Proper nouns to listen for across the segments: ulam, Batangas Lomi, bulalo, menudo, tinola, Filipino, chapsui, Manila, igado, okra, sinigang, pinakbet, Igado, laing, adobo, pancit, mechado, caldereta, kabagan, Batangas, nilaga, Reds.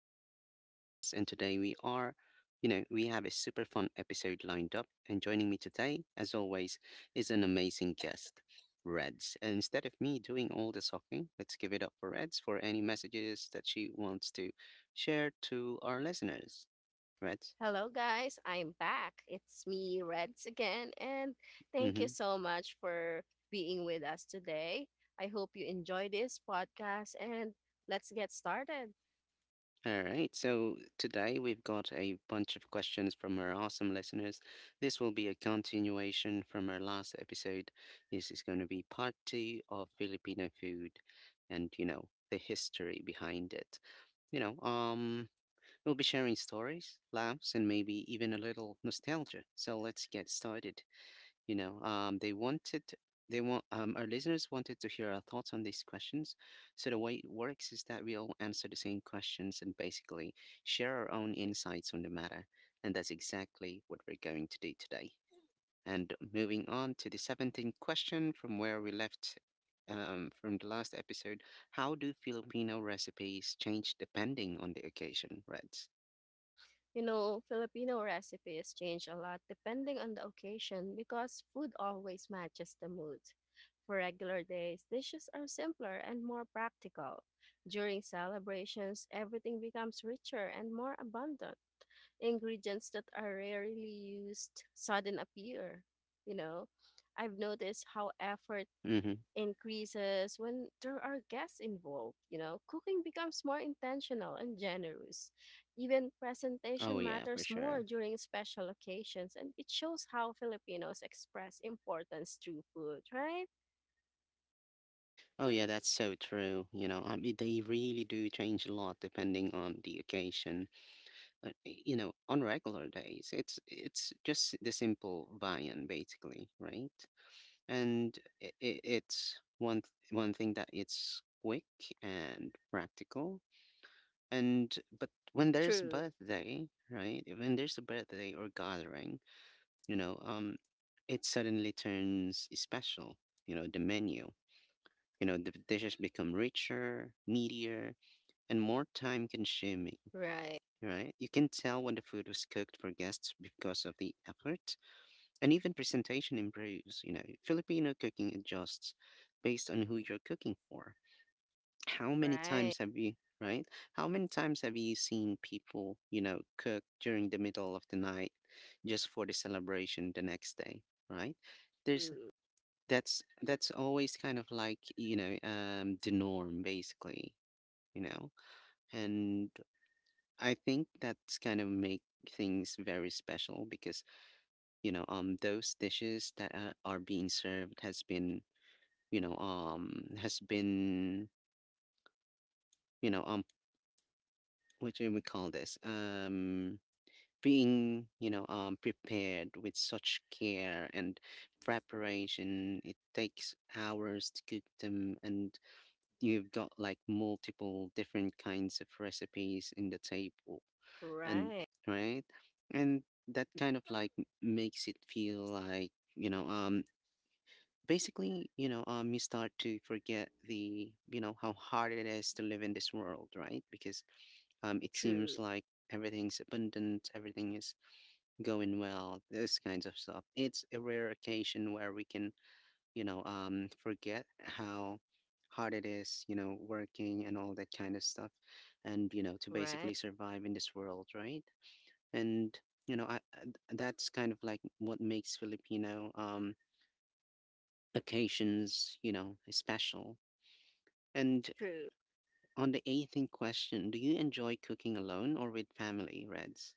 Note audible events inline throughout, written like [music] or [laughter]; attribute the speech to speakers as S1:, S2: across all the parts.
S1: I'm your host, Ross, and today we are, you know, we have a super fun episode lined up. And joining me today, as always, is an amazing guest, Reds. And instead of me doing all the talking, let's give it up for Reds for any messages that she wants to share to our listeners. Reds?
S2: Hello, guys. I'm back. It's me, Reds, again. And
S1: Mm
S2: thank you
S1: hmm.
S2: so much for being with us today. I hope you enjoy this podcast and let's get started.
S1: All right, so today we've got a bunch of questions from our awesome listeners. This will be a continuation from our last episode. This is going to be part two of Filipino food and, the history behind it. You know, um, we'll be sharing stories, laughs, and maybe even a little nostalgia. So let's get started. You know, they wanted, they want, our listeners wanted to hear our thoughts on these questions. So the way it works is that we all answer the same questions and basically share our own insights on the matter. And that's exactly what we're going to do today. And moving on to the 17th question from where we left from the last episode. How do Filipino recipes change depending on the occasion, Reds?
S2: You know, Filipino recipes change a lot depending on the occasion because food always matches the mood. For regular days, dishes are simpler and more practical. During celebrations, everything becomes richer and more abundant. Ingredients that are rarely used sudden appear. You know, I've noticed how effort
S1: Mm-hmm.
S2: increases when there are guests involved. You know, cooking becomes more intentional and generous. Even
S1: Oh,
S2: presentation
S1: yeah, for
S2: matters more
S1: sure.
S2: during special occasions, and it shows how Filipinos express importance through food, right?
S1: Oh yeah, that's so true. You know, I mean, they really do change a lot depending on the occasion. You know, on regular days, it's just the simple viand, basically, right? And it's one thing that it's quick and practical. And but when there's
S2: True.
S1: birthday, right? When there's a birthday or gathering, you know, um, it suddenly turns special. You know, the menu. You know, the dishes become richer, meatier, and more time consuming,
S2: Right.
S1: right? You can tell when the food was cooked for guests because of the effort, and even presentation improves. You know, Filipino cooking adjusts based on who you're cooking for. How many
S2: Right.
S1: times have you, right? How many times have you seen people, you know, cook during the middle of the night just for the celebration the next day, right? There's
S2: True.
S1: That's always kind of like, you know, the norm, basically, you know. And I think that's kind of make things very special because, you know, those dishes that are being served has been, you know, has been, you know, what do we call this, being, you know, prepared with such care and preparation. It takes hours to cook them, and you've got like multiple different kinds of recipes in the table and,
S2: Right.
S1: right, and that kind of like makes it feel like, you know, basically, you know, you start to forget the, you know, how hard it is to live in this world, right? Because it seems
S2: True.
S1: like everything's abundant, everything is going well, this kinds of stuff. It's a rare occasion where we can, you know, forget how hard it is, you know, working and all that kind of stuff, and, you know, to
S2: Right.
S1: basically survive in this world, right? And you know that's kind of like what makes filipino occasions, you know, special. And
S2: True.
S1: on the 18th question, do you enjoy cooking alone or with family, Reds?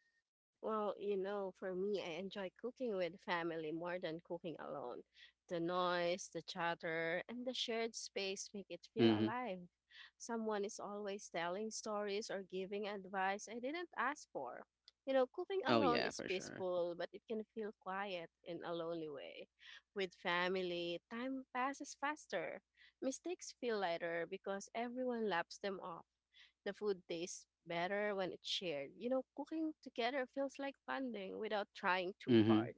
S2: Well, you know, for me, I enjoy cooking with family more than cooking alone. The noise, the chatter, and the shared space make it feel
S1: Mm-hmm.
S2: alive. Someone is always telling stories or giving advice I didn't ask for. You know, cooking
S1: Oh
S2: alone
S1: yeah,
S2: is
S1: for sure.
S2: peaceful, but it can feel quiet in a lonely way. With family, time passes faster. Mistakes feel lighter because everyone laps them off. The food tastes better when it's shared. You know, cooking together feels like bonding without trying too
S1: Mm-hmm.
S2: hard.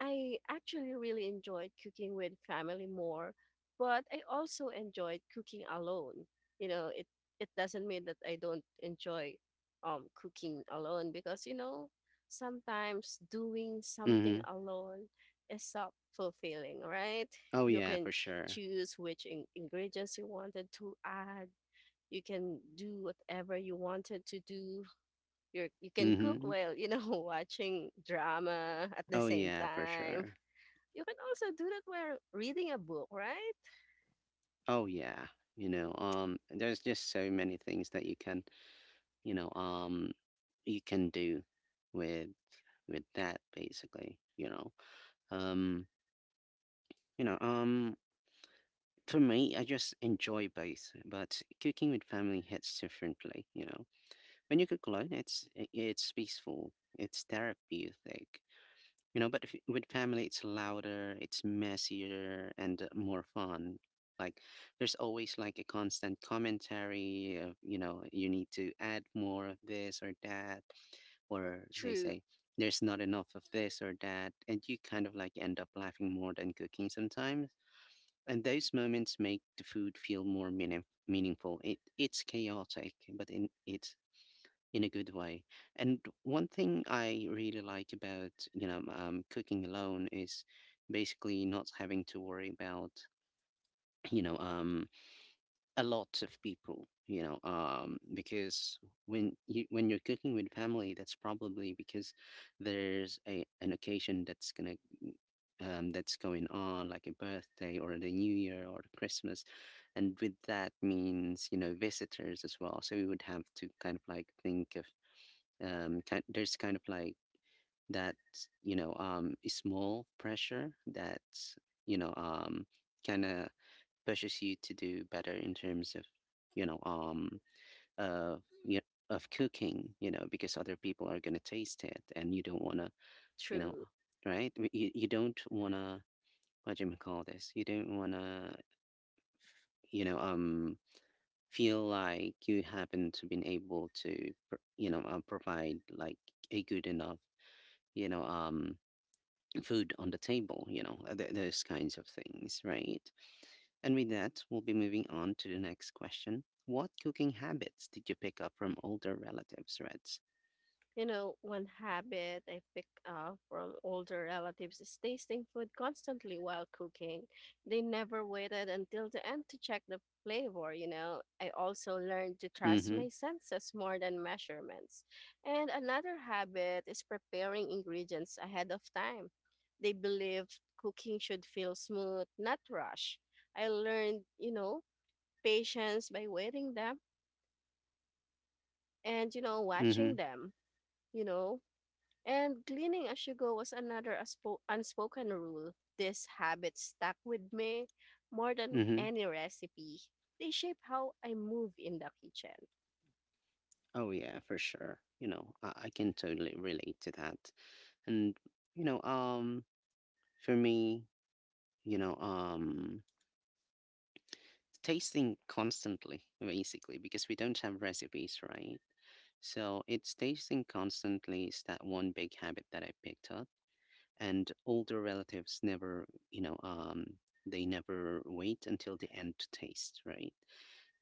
S2: I actually really enjoyed cooking with family more, but I also enjoyed cooking alone. You know, it doesn't mean that I don't enjoy cooking alone because you know, sometimes doing something
S1: Mm-hmm.
S2: alone is so fulfilling, right?
S1: Oh
S2: You
S1: yeah,
S2: can
S1: for sure.
S2: choose which ingredients you wanted to add, you can do whatever you wanted to do, you are you can cook
S1: Mm-hmm.
S2: while you know [laughs] watching drama at the
S1: Oh
S2: same
S1: yeah, for
S2: time.
S1: sure.
S2: You can also do that while reading a book, right?
S1: Oh yeah, you know, there's just so many things that you can, you know, you can do with with that basically, you know, um You know, um, for me, I just enjoy both, but cooking with family hits differently, you know. When you cook alone, it's peaceful, it's therapeutic, you know, but if, with family, it's louder, it's messier, and more fun. Like, there's always like a constant commentary of, you know, you need to add more of this or that, or they
S2: True.
S1: say there's not enough of this or that, and you kind of like end up laughing more than cooking sometimes, and those moments make the food feel more meaningful. It's chaotic, but in a good way. And one thing I really like about, you know, cooking alone is basically not having to worry about, you know, a lot of people. You know, because when you're cooking with family, that's probably because there's a an occasion that's gonna that's going on, like a birthday or the New Year or Christmas. And with that means, you know, visitors as well. So we would have to kind of like think of, there's kind of like that, you know, a small pressure that, you know, kind of pushes you to do better in terms of, you know, uh, you of cooking, you know, because other people are going to taste it, and you don't want to, you know,
S2: True.
S1: right? You, you don't want to, what do you call this? You don't wanna, you know, feel like you haven't been able to, you know, provide like a good enough, you know, food on the table. You know, those kinds of things, right? And with that, we'll be moving on to the next question. What cooking habits did you pick up from older relatives, Reds?
S2: You know, one habit I pick up from older relatives is tasting food constantly while cooking. They never waited until the end to check the flavor, you know. I also learned to trust
S1: Mm-hmm.
S2: my senses more than measurements. And another habit is preparing ingredients ahead of time. They believed cooking should feel smooth, not rush. I learned, you know, patience by waiting them and, you know, watching them, you know. And cleaning as you go was another unspoken rule. This habit stuck with me more than
S1: Mm-hmm. Mm-hmm.
S2: any recipe. They shape how I move in the kitchen.
S1: Oh yeah, for sure. You know, I can totally relate to that. And you know, for me, you know, tasting constantly, basically, because we don't have recipes, right? So it's tasting constantly is that one big habit that I picked up. And older relatives never, you know, they never wait until the end to taste, right?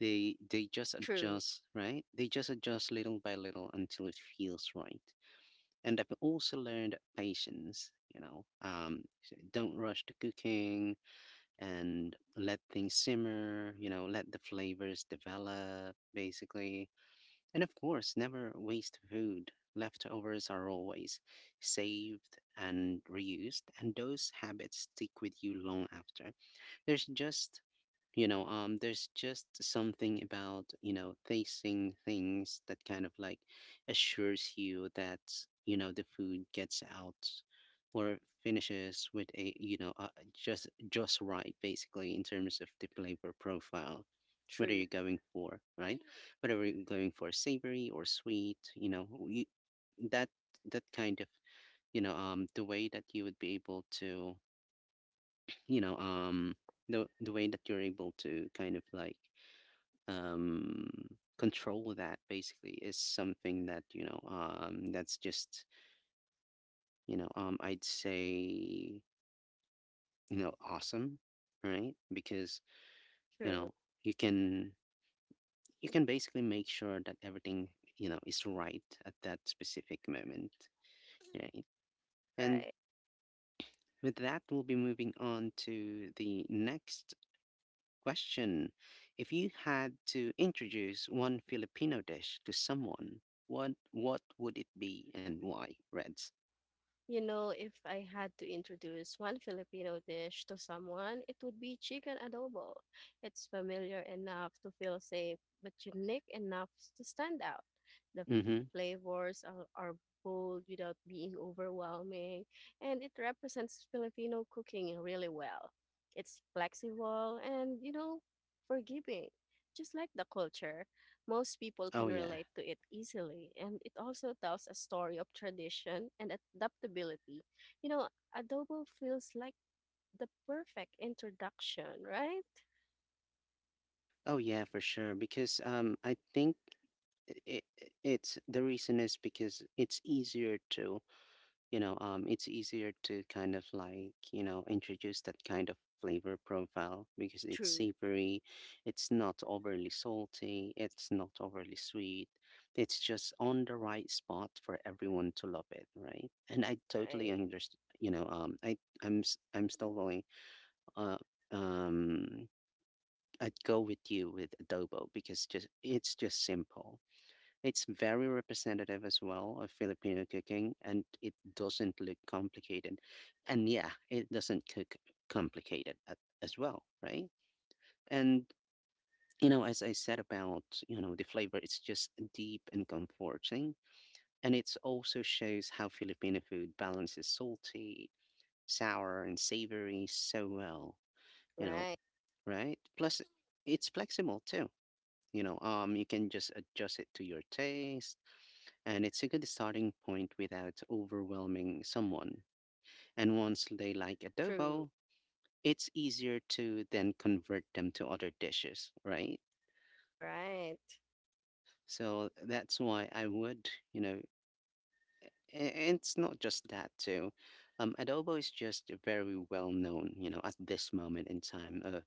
S1: They just
S2: True.
S1: adjust, right? They just adjust little by little until it feels right. And I've also learned patience, you know, don't rush to cooking, and let things simmer, you know, let the flavors develop, basically. And of course, never waste food. Leftovers are always saved and reused, and those habits stick with you long after. There's just you know, there's just something about, you know, tasting things that kind of like assures you that, you know, the food gets out or finishes with a, you know, just right, basically, in terms of the flavor profile. What are
S2: True.
S1: you going for, right? Whatever you're going for, savory or sweet, you know, you, that that kind of, you know, the way that you would be able to, you know, the way that you're able to kind of like um, control that basically is something that you know that's just you know I'd say you know awesome, right? Because you
S2: True.
S1: know you can, you can basically make sure that everything, you know, is right at that specific moment, right? And
S2: Right.
S1: with that, we'll be moving on to the next question. If you had to introduce one Filipino dish to someone, what would it be, and why? Reds.
S2: You know, if I had to introduce one Filipino dish to someone, it would be chicken adobo. It's familiar enough to feel safe, but unique enough to stand out. The
S1: Mm-hmm.
S2: flavors are bold without being overwhelming, and it represents Filipino cooking really well. It's flexible and, you know, forgiving, just like the culture. Most people
S1: Oh
S2: can
S1: yeah.
S2: relate to it easily, and it also tells a story of tradition and adaptability. You know, adobo feels like the perfect introduction, right?
S1: Oh yeah, for sure. Because I think it, it's the reason is because it's easier to you know, it's easier to kind of like, you know, introduce that kind of flavor profile because it's
S2: True.
S1: savory, it's not overly salty, it's not overly sweet. It's just on the right spot for everyone to love it, right? And I totally
S2: Right.
S1: understand, you know, I'm still going, uh, um, I'd go with you with adobo because just it's just simple. It's very representative as well of Filipino cooking, and it doesn't look complicated. And yeah, it doesn't cook complicated at, as well, right? And you know, as I said about, you know, the flavor, it's just deep and comforting. And it also shows how Filipino food balances salty, sour, and savory so well, you know,
S2: Right.
S1: right? Plus, it's flexible too. You know, you can just adjust it to your taste, and it's a good starting point without overwhelming someone. And once they like
S2: True.
S1: adobo, it's easier to then convert them to other dishes, right?
S2: Right.
S1: So that's why I would, you know, a- and it's not just that too. Adobo is just very well known, you know, at this moment in time,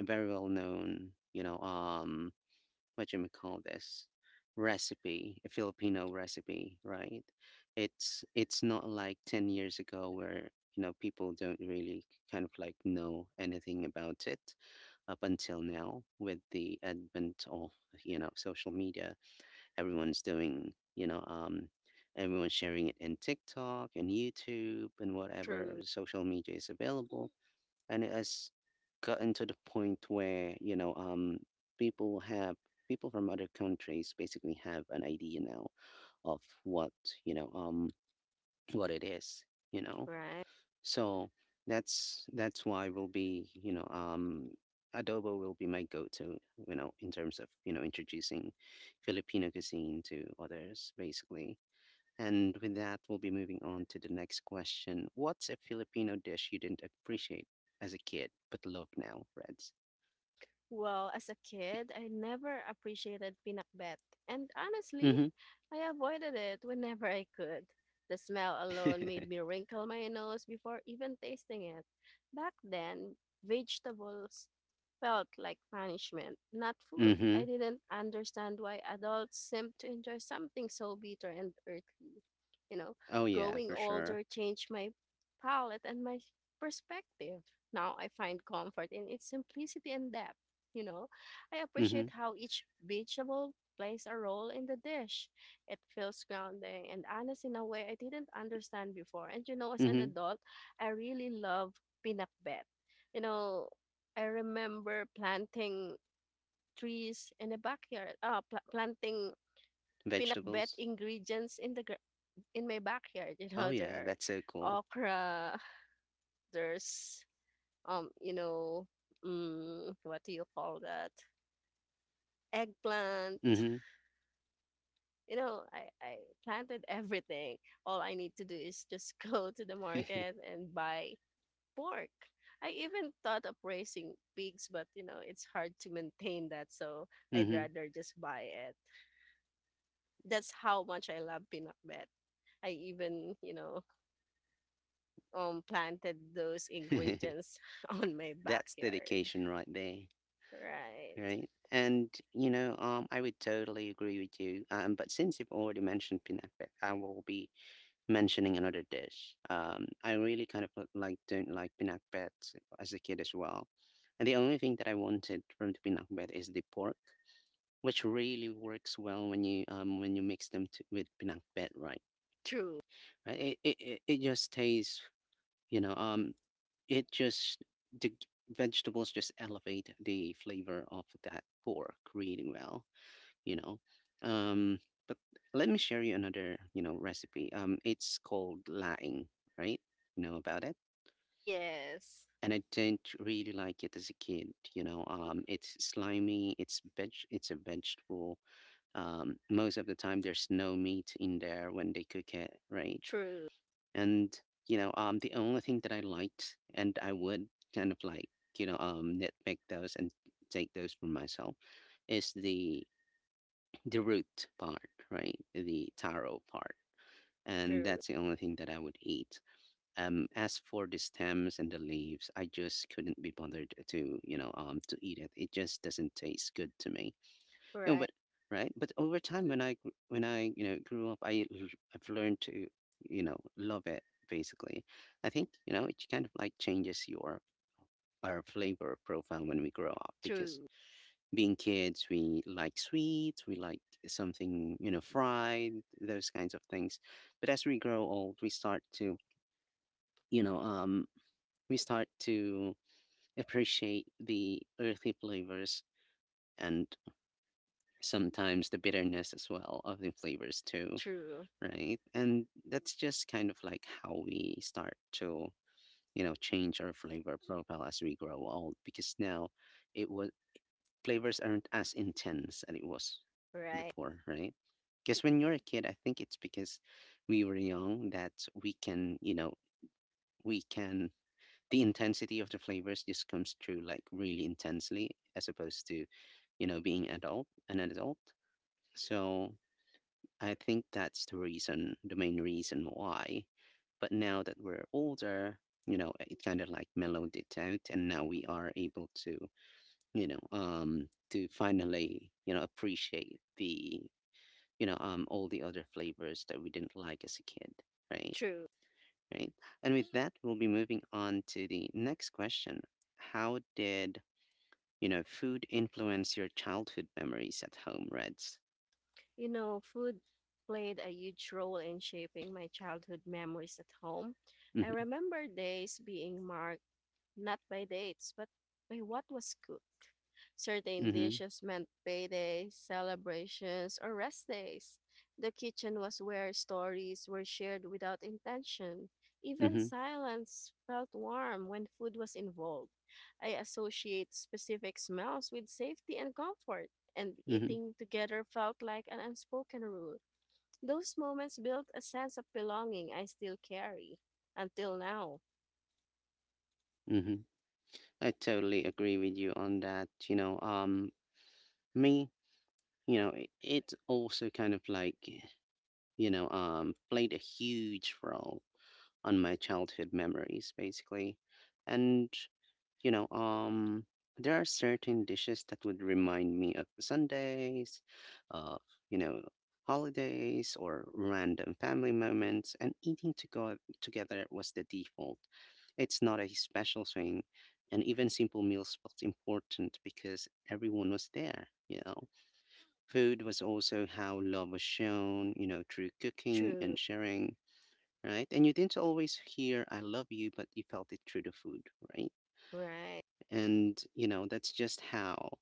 S1: very well known, you know, what do you may call this recipe, a Filipino recipe, right? It's not like 10 years ago where, you know, people don't really kind of like know anything about it up until now with the advent of, you know, social media. Everyone's everyone's sharing it in TikTok and YouTube and whatever
S2: True.
S1: social media is available, and it has gotten to the point where people have people from other countries basically have an idea now of what you know um what it is. you know
S2: Right.
S1: so that's why will be adobo will be my go-to, in terms of, introducing Filipino cuisine to others basically. And with that, we'll be moving on to the next question. What's a Filipino dish you didn't appreciate as a kid but love now, Reds?
S2: Well, as a kid, I never appreciated pinakbet, and honestly,
S1: Mm
S2: I avoided it whenever I could. The smell alone
S1: hmm.
S2: made me wrinkle my nose before even tasting it. Back then, vegetables felt like punishment, not
S1: [laughs] mm
S2: food.
S1: hmm.
S2: I didn't understand why adults seemed to enjoy something so bitter and earthly. You know,
S1: Oh, yeah,
S2: growing
S1: for sure.
S2: older changed my palate and my perspective. Now I find comfort in its simplicity and depth. You know, I
S1: Mm hmm.
S2: appreciate how each vegetable plays a role in the dish. It feels grounding and honest in a way I didn't understand before. And you know, as an
S1: Mm-hmm.
S2: adult, I really love pinakbet. You know, I remember planting trees in the backyard. Ah, planting pinakbet
S1: Vegetables.
S2: ingredients in the in my backyard. [laughs] You
S1: Oh
S2: know,
S1: yeah,
S2: there
S1: that's so
S2: are
S1: cool.
S2: okra, [laughs] there's you know, what do you call that? Eggplant.
S1: Mm-hmm.
S2: You know, I planted everything. All I need to do is just [laughs] go to the market and buy pork. I even thought of raising pigs, but you know, it's hard to maintain that, so
S1: [laughs]
S2: I'd
S1: mm-hmm.
S2: rather just buy it. That's how much I love pinakbet. I even, you know, planted those
S1: [laughs]
S2: ingredients [laughs] on my
S1: That's
S2: backyard.
S1: dedication right there,
S2: Right.
S1: right? And I would totally agree with you. But since you've already mentioned pinakbet, I will be mentioning another dish. I really kind of like don't like pinakbet as a kid as well, and the only thing that I wanted from the pinakbet is the pork, which really works well when you mix them to, with pinakbet, right?
S2: True.
S1: Right. It just tastes, you know, um, it just the g- vegetables just elevate the flavor of that pork really well, you know. Um, but let me share you another, you know, recipe. It's called laing, right? You know about it?
S2: Yes.
S1: And I didn't really like it as a kid, you know. It's slimy. It's veg. It's a vegetable. Most of the time, there's no meat in there when they cook it, right?
S2: True.
S1: And the only thing that I liked, and I would kind of like, nitpick those and take those for myself, is the root part, right? The taro part. And
S2: True.
S1: that's the only thing that I would eat. As for the stems and the leaves, I just couldn't be bothered to, to eat it. It just doesn't taste good to me. You know,
S2: Right.
S1: but right, but over time, when when I, you know, grew up. I've learned to, you know, love it. Basically, I think, you know, it kind of like changes your our flavor profile when we grow up. Because
S2: True.
S1: being kids, we like sweets, we like something, you know, fried, those kinds of things. But as we grow old, we start to, you know, um, we start to appreciate the earthy flavors and sometimes the bitterness as well of the flavors too,
S2: True.
S1: right? And that's just kind of like how we start to, you know, change our flavor profile as we grow old. Because now it was flavors aren't as intense as it was
S2: Right.
S1: before, right? Because when you're a kid, I think it's because we were young that we can, you know, we can, the intensity of the flavors just comes through like really intensely as opposed to, you know, being adult. So I think that's the reason, the main reason why. But now that we're older, you know, it kind of like mellowed it out, and now we are able to, to finally, you know, appreciate the, all the other flavors that we didn't like as a kid, right?
S2: True.
S1: Right. And with that, we'll be moving on to the next question. How did, you know, food influence your childhood memories at home, Reds?
S2: You know, food played a huge role in shaping my childhood memories at home. I
S1: Mm-hmm.
S2: remember days being marked not by dates, but by what was cooked. Certain
S1: Mm-hmm.
S2: dishes meant paydays, celebrations, or rest days. The kitchen was where stories were shared without intention. Even
S1: Mm-hmm.
S2: silence felt warm when food was involved. I associate specific smells with safety and comfort, and
S1: Mm-hmm.
S2: eating together felt like an unspoken rule. Those moments built a sense of belonging I still carry until now.
S1: Mm-hmm. I totally agree with you on that. You know, me, you know, it also kind of like, played a huge role on my childhood memories, basically. And, you know, um, there are certain dishes that would remind me of Sundays, of, you know, holidays or random family moments, and eating to go together was the default. It's not a special thing, and even simple meals felt important because everyone was there, you know. Food was also how love was shown, you know, through cooking
S2: True.
S1: and sharing, right? And you didn't always hear I love you, but you felt it through the food, right?
S2: Right.
S1: And you know, that's just how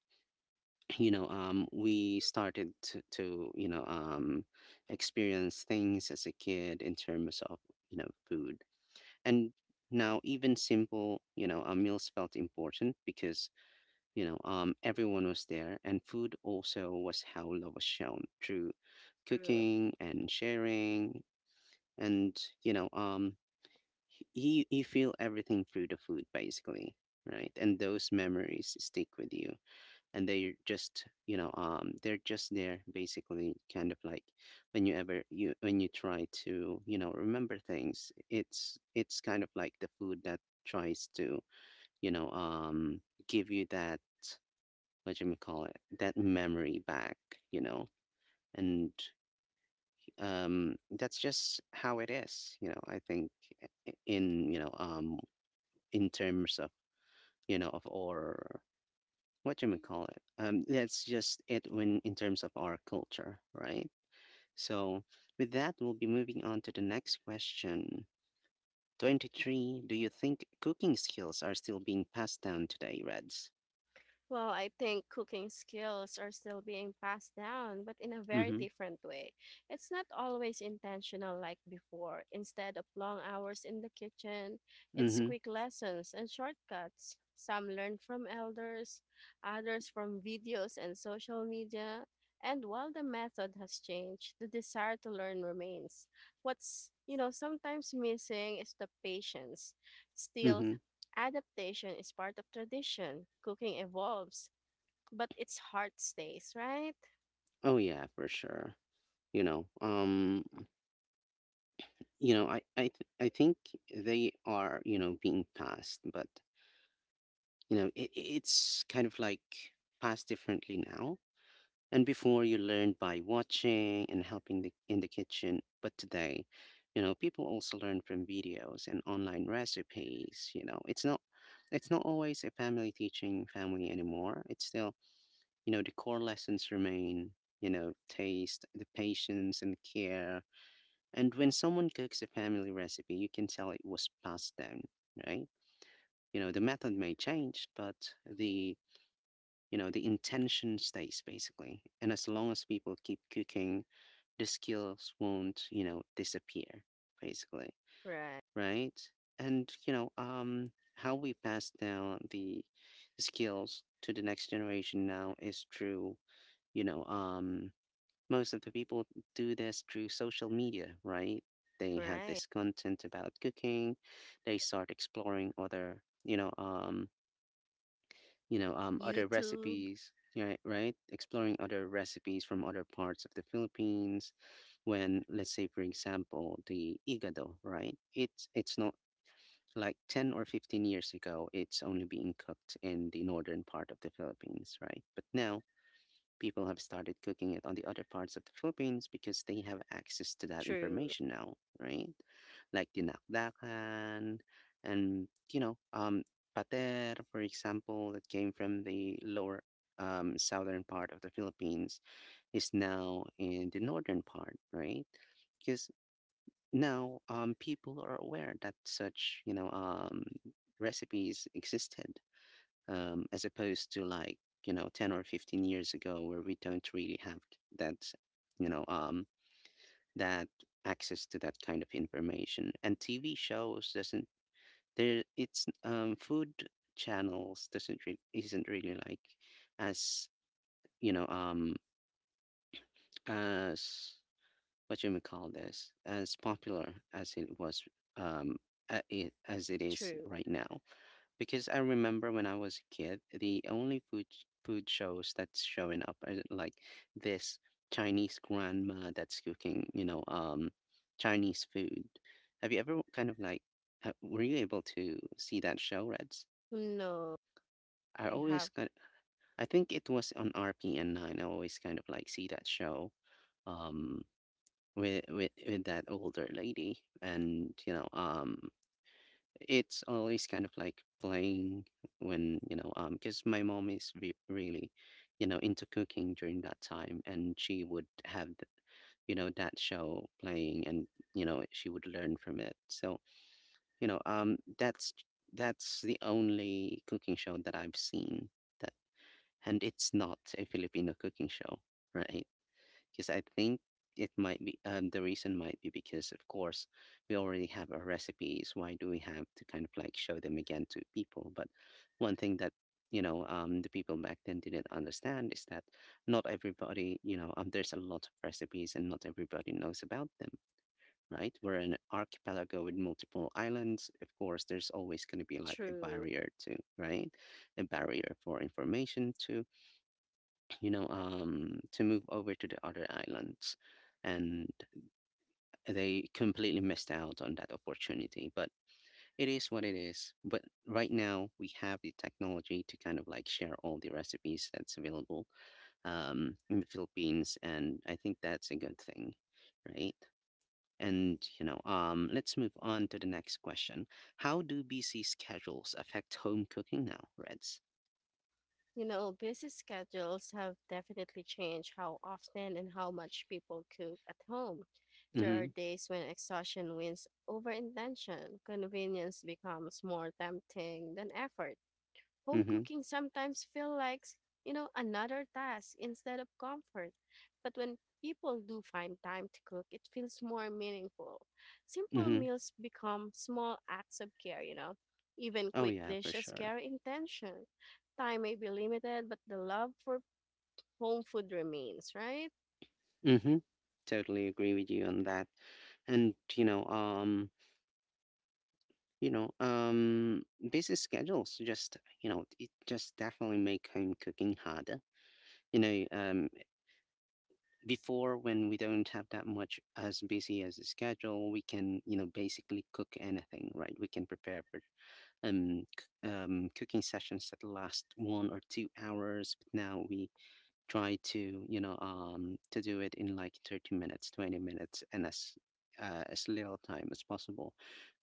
S1: [clears throat] we started to, to experience things as a kid in terms of, you know, food. And now even simple, you know, meals felt important because everyone was there. And food also was how love was shown through
S2: True.
S1: cooking and sharing. And you know um he you feel everything through the food basically, right? And those memories stick with you, and they're just, they're just there basically. Kind of like when you try to, you know, remember things, it's kind of like the food that tries to, you know um give you that, what you may call it, that memory back, you know. And that's just how it is, you know. I think in you know um in terms of, you know, of or what you may call it. That's just it, when in terms of our culture, right? So with that, we'll be moving on to the next question. 23. Do you think cooking skills are still being passed down today, Reds?
S2: Well, I think cooking skills are still being passed down, but in a very
S1: Mm-hmm.
S2: different way. It's not always intentional like before. Instead of long hours in the kitchen, it's
S1: Mm-hmm.
S2: quick lessons and shortcuts. Some learn from elders, others from videos and social media. And while the method has changed, the desire to learn remains. What's, you know, sometimes missing is the patience. Still,
S1: Mm-hmm.
S2: adaptation is part of tradition. Cooking evolves, but its heart stays, right?
S1: Oh yeah, for sure. You know, you know, I think they are, you know, being passed, but you know, it, it's kind of like passed differently now. And before you learned by watching and helping in the kitchen, but today, you know, people also learn from videos and online recipes. You know, it's not always a family teaching family anymore. It's still, you know, the core lessons remain, you know, taste, the patience and care. And when someone cooks a family recipe, you can tell it was passed down, right? You know, the method may change, but the you know, the intention stays basically. And as long as people keep cooking, the skills won't, you know, disappear basically,
S2: Right.
S1: right? And how we pass down the skills to the next generation now is through, you know um most of the people do this through social media, right? They have
S2: Right.
S1: this content about cooking. They start exploring other, other
S2: YouTube.
S1: recipes, right? Right? Exploring other recipes from other parts of the Philippines. When, let's say, for example, the igado, right? It's not like 10 or 15 years ago, it's only being cooked in the northern part of the Philippines, right? But now people have started cooking it on the other parts of the Philippines because they have access to that
S2: True.
S1: information now, right? Like dinakdakan and, pater, for example, that came from the lower southern part of the Philippines is now in the northern part, right? Because now people are aware that such, recipes existed, as opposed to like, you know, 10 or 15 years ago where we don't really have that, you know um, that access to that kind of information. And TV shows doesn't there it's, food channels doesn't re- isn't really like as, you know um as, what you may call this, as popular as it was, um it as it is
S2: True.
S1: right now. Because I remember when I was a kid, the only food shows that's showing up are like this Chinese grandma that's cooking, Chinese food. Have you ever kind of like, were you able to see that show, Reds?
S2: No,
S1: I
S2: I
S1: always
S2: have.
S1: kind— I think it was on RPN 9. I always kind of like see that show, um, with that older lady, and you know, it's always kind of like playing when, because my mom is re really, you know, into cooking during that time, and she would have, you know, that show playing, and you know, she would learn from it. So, you know, um, that's that's the only cooking show that I've seen that, and it's not a Filipino cooking show, right? Because I think it might be, the reason might be because of course we already have our recipes. Why do we have to kind of like show them again to people? But one thing that the people back then didn't understand is that not everybody, there's a lot of recipes and not everybody knows about them, right? We're an archipelago with multiple islands. Of course there's always going to be like a
S2: True.
S1: barrier to, right, a barrier for information to, to move over to the other islands. And they completely missed out on that opportunity. But it is what it is. But right now, we have the technology to kind of like share all the recipes that's available in the Philippines. And I think that's a good thing, right? And, let's move on to the next question. How do BC schedules affect home cooking now, Reds?
S2: You know, busy schedules have definitely changed how often and how much people cook at home. There are
S1: Mm
S2: days when exhaustion wins over intention. Convenience becomes more tempting than effort.
S1: hmm.
S2: Home
S1: Mm hmm.
S2: cooking sometimes feels like, you know, another task instead of comfort. But when people do find time to cook, it feels more meaningful. Simple
S1: Mhm.
S2: meals become small acts of care, you know. Even
S1: Oh,
S2: quick
S1: yeah, for
S2: dishes
S1: sure.
S2: carry intention. Time may be limited, but the love for home food remains, right?
S1: Mhm. Totally agree with you on that. And, you know, um, busy schedules just, you know, it just definitely make home cooking harder. You know, um, Before when we don't have that much as busy as a schedule, we can, you know, basically cook anything, right? We can prepare for cooking sessions that last 1 or 2 hours. But now we try to to do it in like 30 minutes 20 minutes and as little time as possible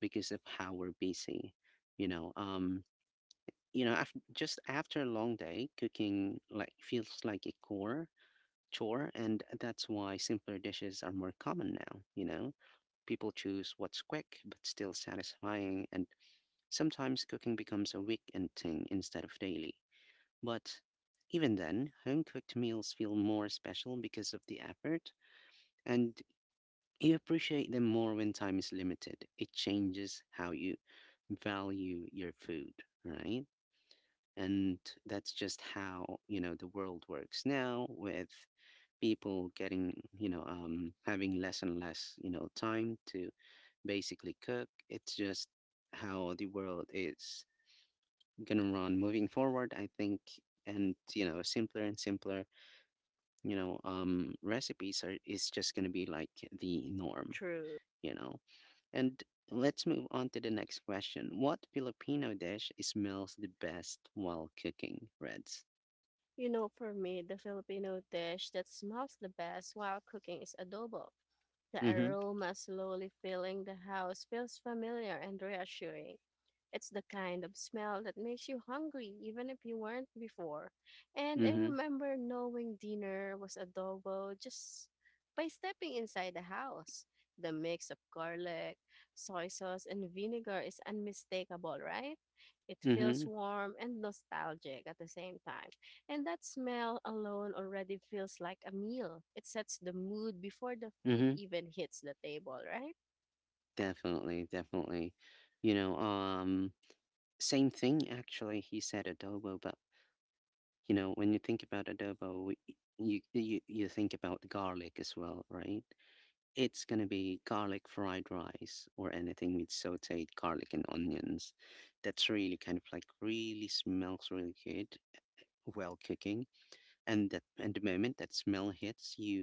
S1: because of how we're busy. you know um After, just after a long day, cooking like feels like a core chore, and that's why simpler dishes are more common now. You know, people choose what's quick but still satisfying, and sometimes cooking becomes a weekend thing instead of daily. But even then, home cooked meals feel more special because of the effort, and you appreciate them more when time is limited. It changes how you value your food, right? And that's just how, you know, the world works now, with people getting, you know, having less and less, you know, time to basically cook. It's just how the world is gonna run moving forward, I think, and, you know, simpler and simpler recipes are is just going to be like the norm,
S2: True.
S1: you know. And let's move on to the next question. What Filipino dish smells the best while cooking, Reds?
S2: You know, for me, the Filipino dish that smells the best while cooking is adobo. The
S1: Mhm.
S2: aroma slowly filling the house feels familiar and reassuring. It's the kind of smell that makes you hungry even if you weren't before. And I
S1: Mhm.
S2: remember knowing dinner was adobo just by stepping inside the house. The mix of garlic, soy sauce, and vinegar is unmistakable, right? It feels
S1: Mhm.
S2: warm and nostalgic at the same time. And that smell alone already feels like a meal. It sets the mood before the food
S1: Mhm.
S2: even hits the table, right?
S1: Definitely, definitely. you know um Same thing, actually. He said adobo, but you know, when you think about adobo, you think about garlic as well, right? It's gonna be garlic fried rice or anything with sauteed garlic and onions. That's really kind of like really smells really good while cooking. And the moment that smell hits you,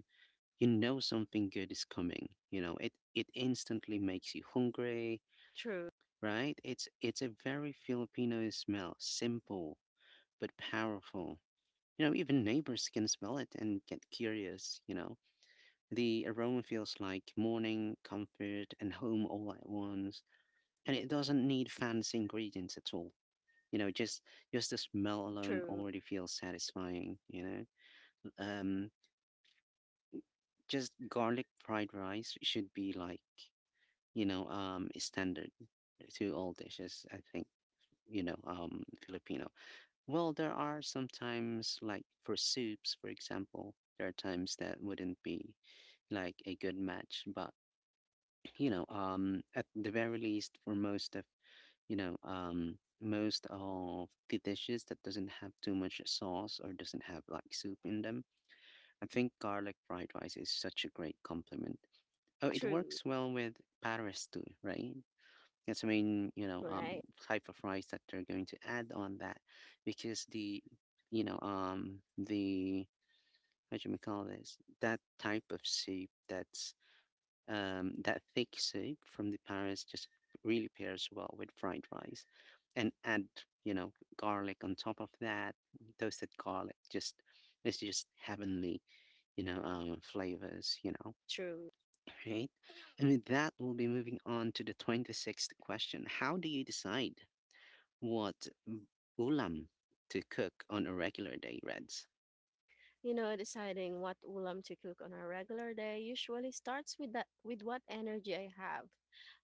S1: you know something good is coming. You know, it instantly makes you hungry,
S2: True.
S1: right? It's a very Filipino smell, simple but powerful. You know, even neighbors can smell it and get curious, you know. The aroma feels like morning comfort and home all at once, and it doesn't need fancy ingredients at all. You know, just the smell alone
S2: True.
S1: already feels satisfying. You know, um, just garlic fried rice should be like standard to all dishes, I think, Filipino. Well, there are sometimes like for soups, for example, there are times that wouldn't be like a good match, but you know, at the very least, for most of, you know, um, most of the dishes that doesn't have too much sauce or doesn't have like soup in them, I think garlic fried rice is such a great complement. Oh, it
S2: True.
S1: works well with Paris too, right? That's the main, you know,
S2: Right.
S1: type of rice that they're going to add on that, because the, you know, the what do you call this? That type of soup that's that thick soup from the Paris just really pairs well with fried rice. And add, you know, garlic on top of that, toasted garlic, just it's just heavenly, flavors, you know.
S2: True.
S1: Right. And with that, we'll be moving on to the 26th question. How do you decide what ulam to cook on a regular day, Reds?
S2: You know, deciding what ulam to cook on a regular day usually starts with that with what energy I have.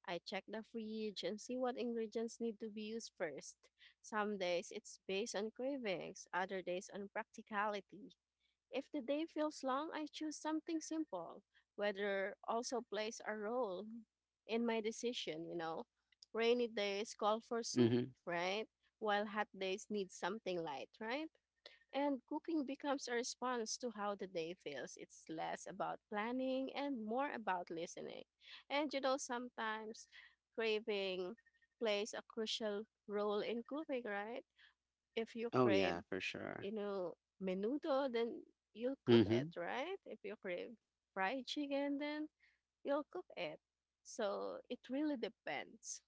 S2: I check the fridge and see what ingredients need to be used first. Some days it's based on cravings, other days on practicality. If the day feels long, I choose something simple. Weather also plays a role in my decision, you know. Rainy days call for soup,
S1: Mm-hmm.
S2: right? While hot days need something light, right? And cooking becomes a response to how the day feels. It's less about planning and more about listening. And you know, sometimes craving plays a crucial role in cooking, right? If you
S1: Oh
S2: crave,
S1: yeah, for sure.
S2: you know, menudo, then you'll cook it,
S1: Mm-hmm.
S2: right? If you crave fried chicken, then you'll cook it. So it really depends.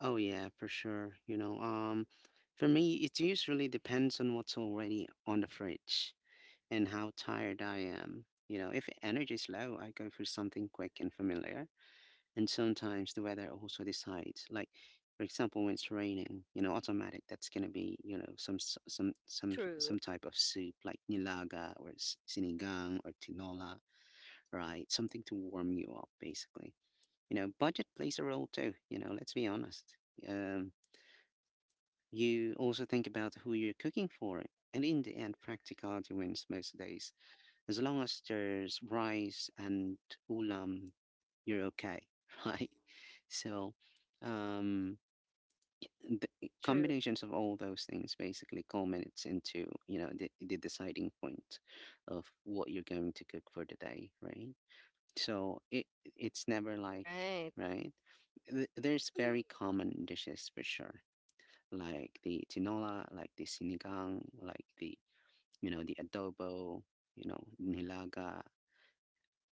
S1: Oh yeah, for sure. For me, it usually depends on what's already on the fridge and how tired I am. You know, if energy's low, I go for something quick and familiar. And sometimes the weather also decides. Like, for example, when it's raining, you know, automatic that's gonna be, you know, some s-
S2: True.
S1: some type of soup like nilaga or sinigang or tinola, right? Something to warm you up, basically. You know, budget plays a role too. You know, let's be honest. Um, you also think about who you're cooking for, and in the end, practicality wins most days. As long as there's rice and ulam, you're okay, [laughs] right? So, um, the
S2: True.
S1: combinations of all those things basically culminates into the deciding point of what you're going to cook for the day, right? So it's never like
S2: Right.
S1: right. There's very common dishes for sure, like the tinola, like the sinigang, like the, you know, the adobo, you know, nilaga,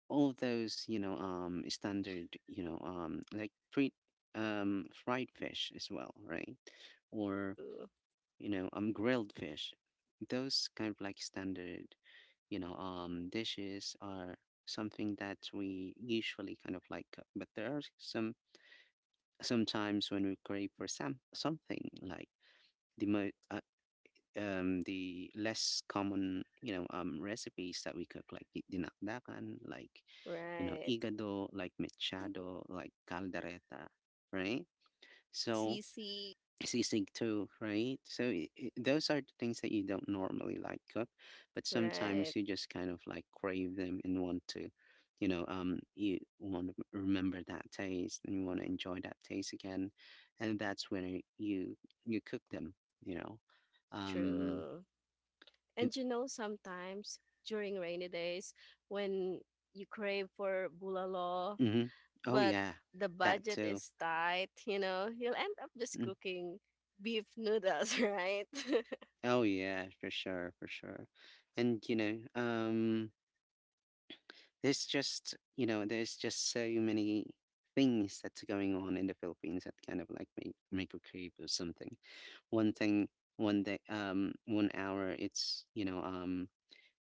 S1: all those, you know, um, standard, you know, um, like pre fried fish as well, right? Or,
S2: True.
S1: you know, um, grilled fish, those kind of like standard, you know, dishes are something that we usually kind of like, but there are some sometimes when we crave for something like the mo- uh, the less common, you know, um, recipes that we cook like dinakdakan, like you know,
S2: Right.
S1: igado, like mechado, like caldereta, right? So
S2: CC.
S1: sisig too, right? So I those are the things that you don't normally like cook, but
S2: Right.
S1: sometimes you just kind of like crave them and want to, you know, you want to remember that taste and you want to enjoy that taste again, and that's when you cook them, you know, um,
S2: True.
S1: and,
S2: And you know, sometimes during rainy days when you crave for bulalo,
S1: mhm. Oh
S2: but
S1: yeah,
S2: the
S1: that
S2: budget
S1: too.
S2: is tight, you know, you'll end up just
S1: Mm.
S2: cooking beef noodles, [laughs] right?
S1: Oh yeah, for sure, for sure. And you know, um, there's just so many things that's going on in the Philippines that kind of like make a creep or something. One thing one day, um, one hour it's, you know, um,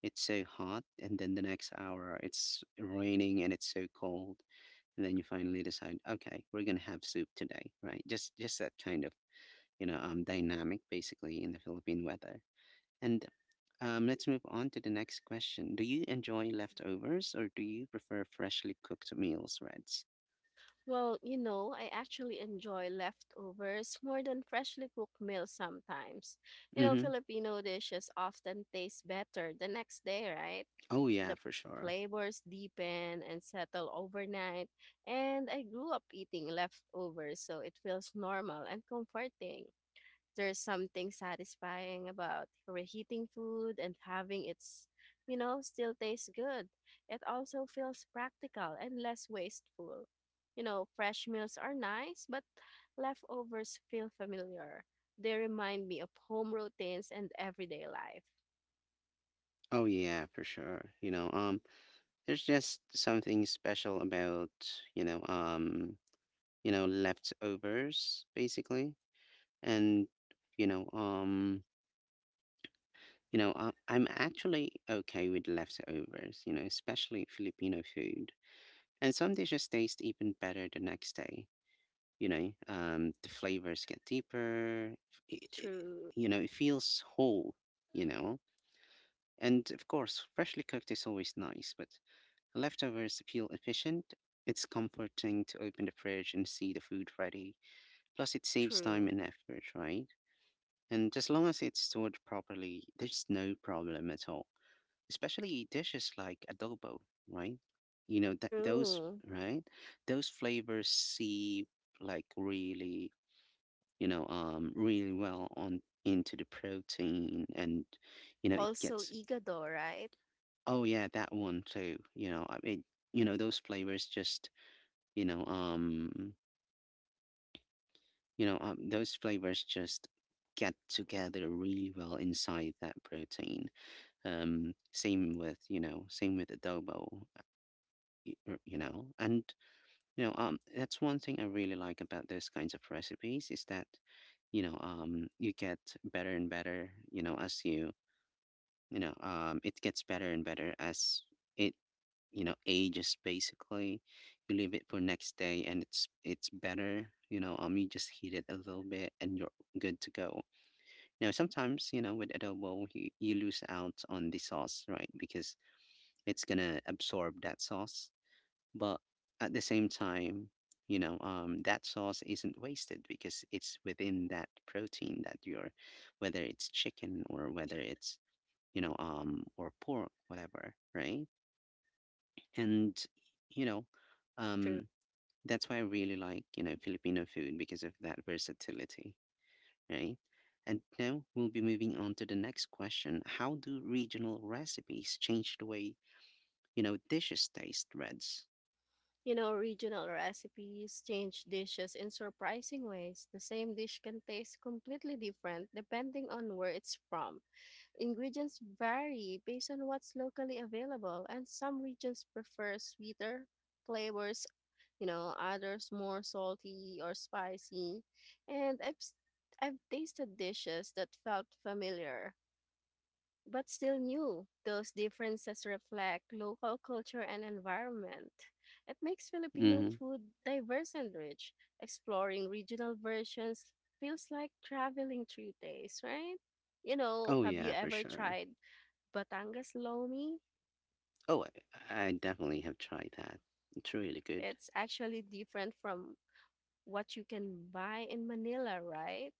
S1: it's so hot, and then the next hour it's raining and it's so cold, and then you finally decide, okay, we're gonna have soup today, right? Just that kind of, you know, um, dynamic basically in the Philippine weather. And let's move on to the next question. Do you enjoy leftovers or do you prefer freshly cooked meals, Reds?
S2: [laughs] Well, you know, I actually enjoy leftovers more than freshly cooked meals sometimes. You know,
S1: Mm-hmm.
S2: Filipino dishes often taste better the next day, right?
S1: Oh yeah,
S2: The
S1: for sure.
S2: flavors deepen and settle overnight, and I grew up eating leftovers, so it feels normal and comforting. There's something satisfying about reheating food and having it's, you know, still taste good. It also feels practical and less wasteful. You know, fresh meals are nice, but leftovers feel familiar. They remind me of home routines and everyday life.
S1: Oh yeah, for sure. You know, there's just something special about, you know, um, you know, leftovers basically. And, you know, um, you know, I'm actually okay with leftovers, you know, especially Filipino food. And some dishes taste even better the next day. You know, um, the flavors get deeper. it, it,
S2: True.
S1: you know, it feels whole, you know. And of course freshly cooked is always nice, but leftovers feel efficient. It's comforting to open the fridge and see the food ready. Plus it saves time
S2: True.
S1: and effort, right? And as long as it's stored properly there's no problem at all, especially dishes like adobo, right? You know, that those,
S2: True.
S1: right, those flavors seep like really, you know, really well on into the protein, and you know, it
S2: Also
S1: gets.
S2: Igado, right?
S1: Oh yeah, that one too. You know, I mean, you know, those flavors just, you know, those flavors just get together really well inside that protein. Same with, you know, same with adobo. uh, You know, and you know, that's one thing I really like about those kinds of recipes, is that you get better and better, you know, it gets better and better as it, you know, ages basically. You leave it for next day and it's better. You know, um, you just heat it a little bit and you're good to go. Now sometimes, you know, with adobo you, you lose out on the sauce, right? Because it's gonna absorb that sauce. But at the same time, you know, um, that sauce isn't wasted because it's within that protein that you're, whether it's chicken or whether it's, you know, or pork, whatever, right? And, you know,
S2: True.
S1: um, that's why I really like, you know, Filipino food, because of that versatility, right? And now we'll be moving on to the next question. How do regional recipes change the way, you know, dishes taste, Reds?
S2: You know, regional recipes change dishes in surprising ways. The same dish can taste completely different depending on where it's from. Ingredients vary based on what's locally available, and some regions prefer sweeter flavors, you know, others more salty or spicy. And I've tasted dishes that felt familiar but still new. Those differences reflect local culture and environment. It makes Filipino
S1: Mm-hmm.
S2: food diverse and rich. Exploring regional versions feels like traveling three days, right? You know,
S1: Oh,
S2: have you
S1: yeah, for
S2: ever
S1: sure.
S2: tried Batangas Lomi?
S1: Oh, I definitely have tried that. It's really good.
S2: It's actually different from what you can buy in Manila, right?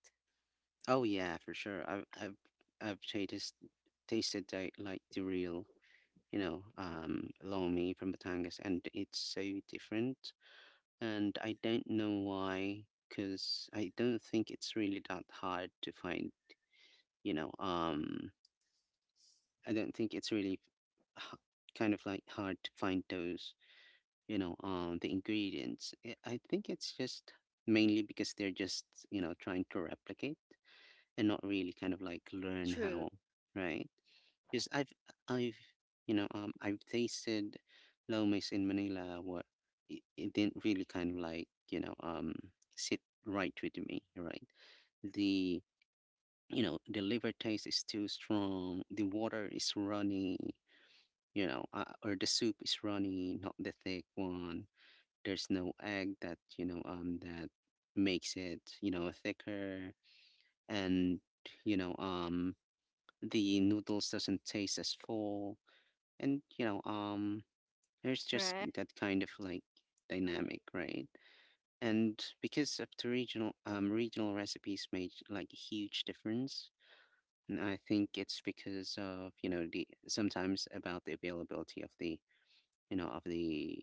S1: Oh yeah, for sure. I've tasted tasted the, like the real, you know, lomi from Batangas, and it's so different. And I don't know why, because I don't think it's really that hard to find. You know, I don't think it's really h- kind of like hard to find those. You know, the ingredients. I think it's just mainly because they're just, you know, trying to replicate, and not really kind of like learn
S2: True.
S1: how, right? Because I've you know, um, I've tasted lomis in Manila. What it didn't really kind of like, you know, um, sit right with me, right? The You know, the liver taste is too strong. The water is runny. You know, or the soup is runny, not the thick one. There's no egg that that makes it thicker and you know um the noodles doesn't taste as full, and there's just
S2: Right.
S1: that kind of like dynamic, right? And because of the regional regional recipes made like a huge difference. And I think it's because of the sometimes about the availability of the you know of the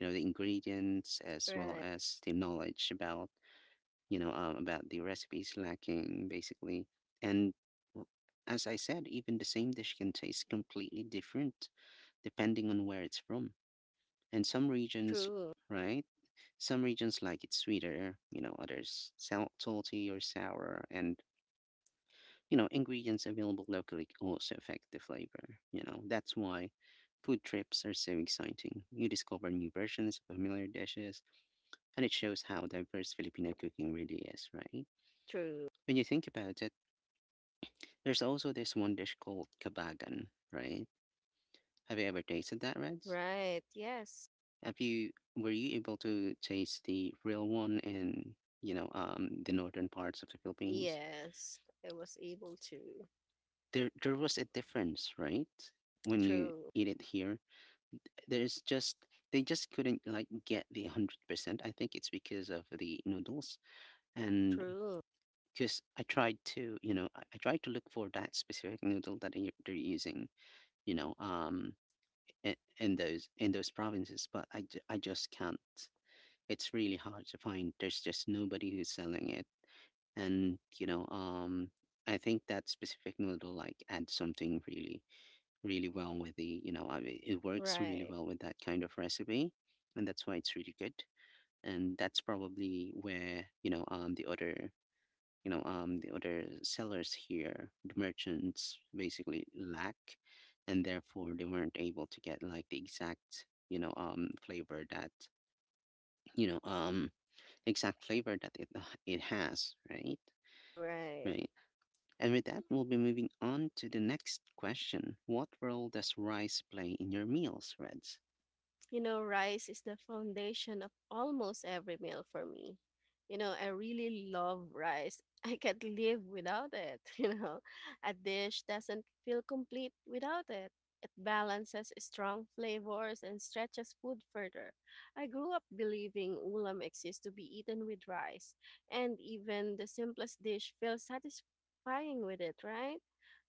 S1: the ingredients as well
S2: Right.
S1: as the knowledge about about the recipes lacking, basically. And w- as I said, even the same dish can taste completely different depending on where it's from. And some regions,
S2: True.
S1: right? Some regions like it sweeter, you know, others salty or sour. And, ingredients available locally also affect the flavor. You know, that's why food trips are so exciting. You discover new versions of familiar dishes, and it shows how diverse Filipino cooking really is, right?
S2: True.
S1: When you think about it, there's also this one dish called kabagan, right? Have you ever tasted that, Reds?
S2: Right. Yes.
S1: Have you Were you able to taste the real one in, the northern parts of the Philippines?
S2: Yes, I was able to.
S1: There was a difference, right? When you
S2: True.
S1: eat it here, there's just they just couldn't like get the 100%. I think it's because of the noodles, and
S2: True.
S1: because I tried to, I tried to look for that specific noodle that they're using, you know, um in those provinces, but I just can't. It's really hard to find. There's just nobody who's selling it, and I think that specific noodle like adds something really really well with I mean, it works really
S2: Right.
S1: well with that kind of recipe, and that's why it's really good. And that's probably where the other the other sellers here, the merchants, basically lack, and therefore they weren't able to get like the exact flavor that you know um exact flavor that it it has, right?
S2: Right.
S1: Right. And with that, we'll be moving on to the next question. What role does rice play in your meals, Reds?
S2: You know, rice is the foundation of almost every meal for me. You know, I really love rice. [laughs] I can't live without it. [laughs] You know, a dish doesn't feel complete without it. It balances strong flavors and stretches food further. I grew up believing ulam exists to be eaten with rice, and even the simplest dish feels satisfying with it, right?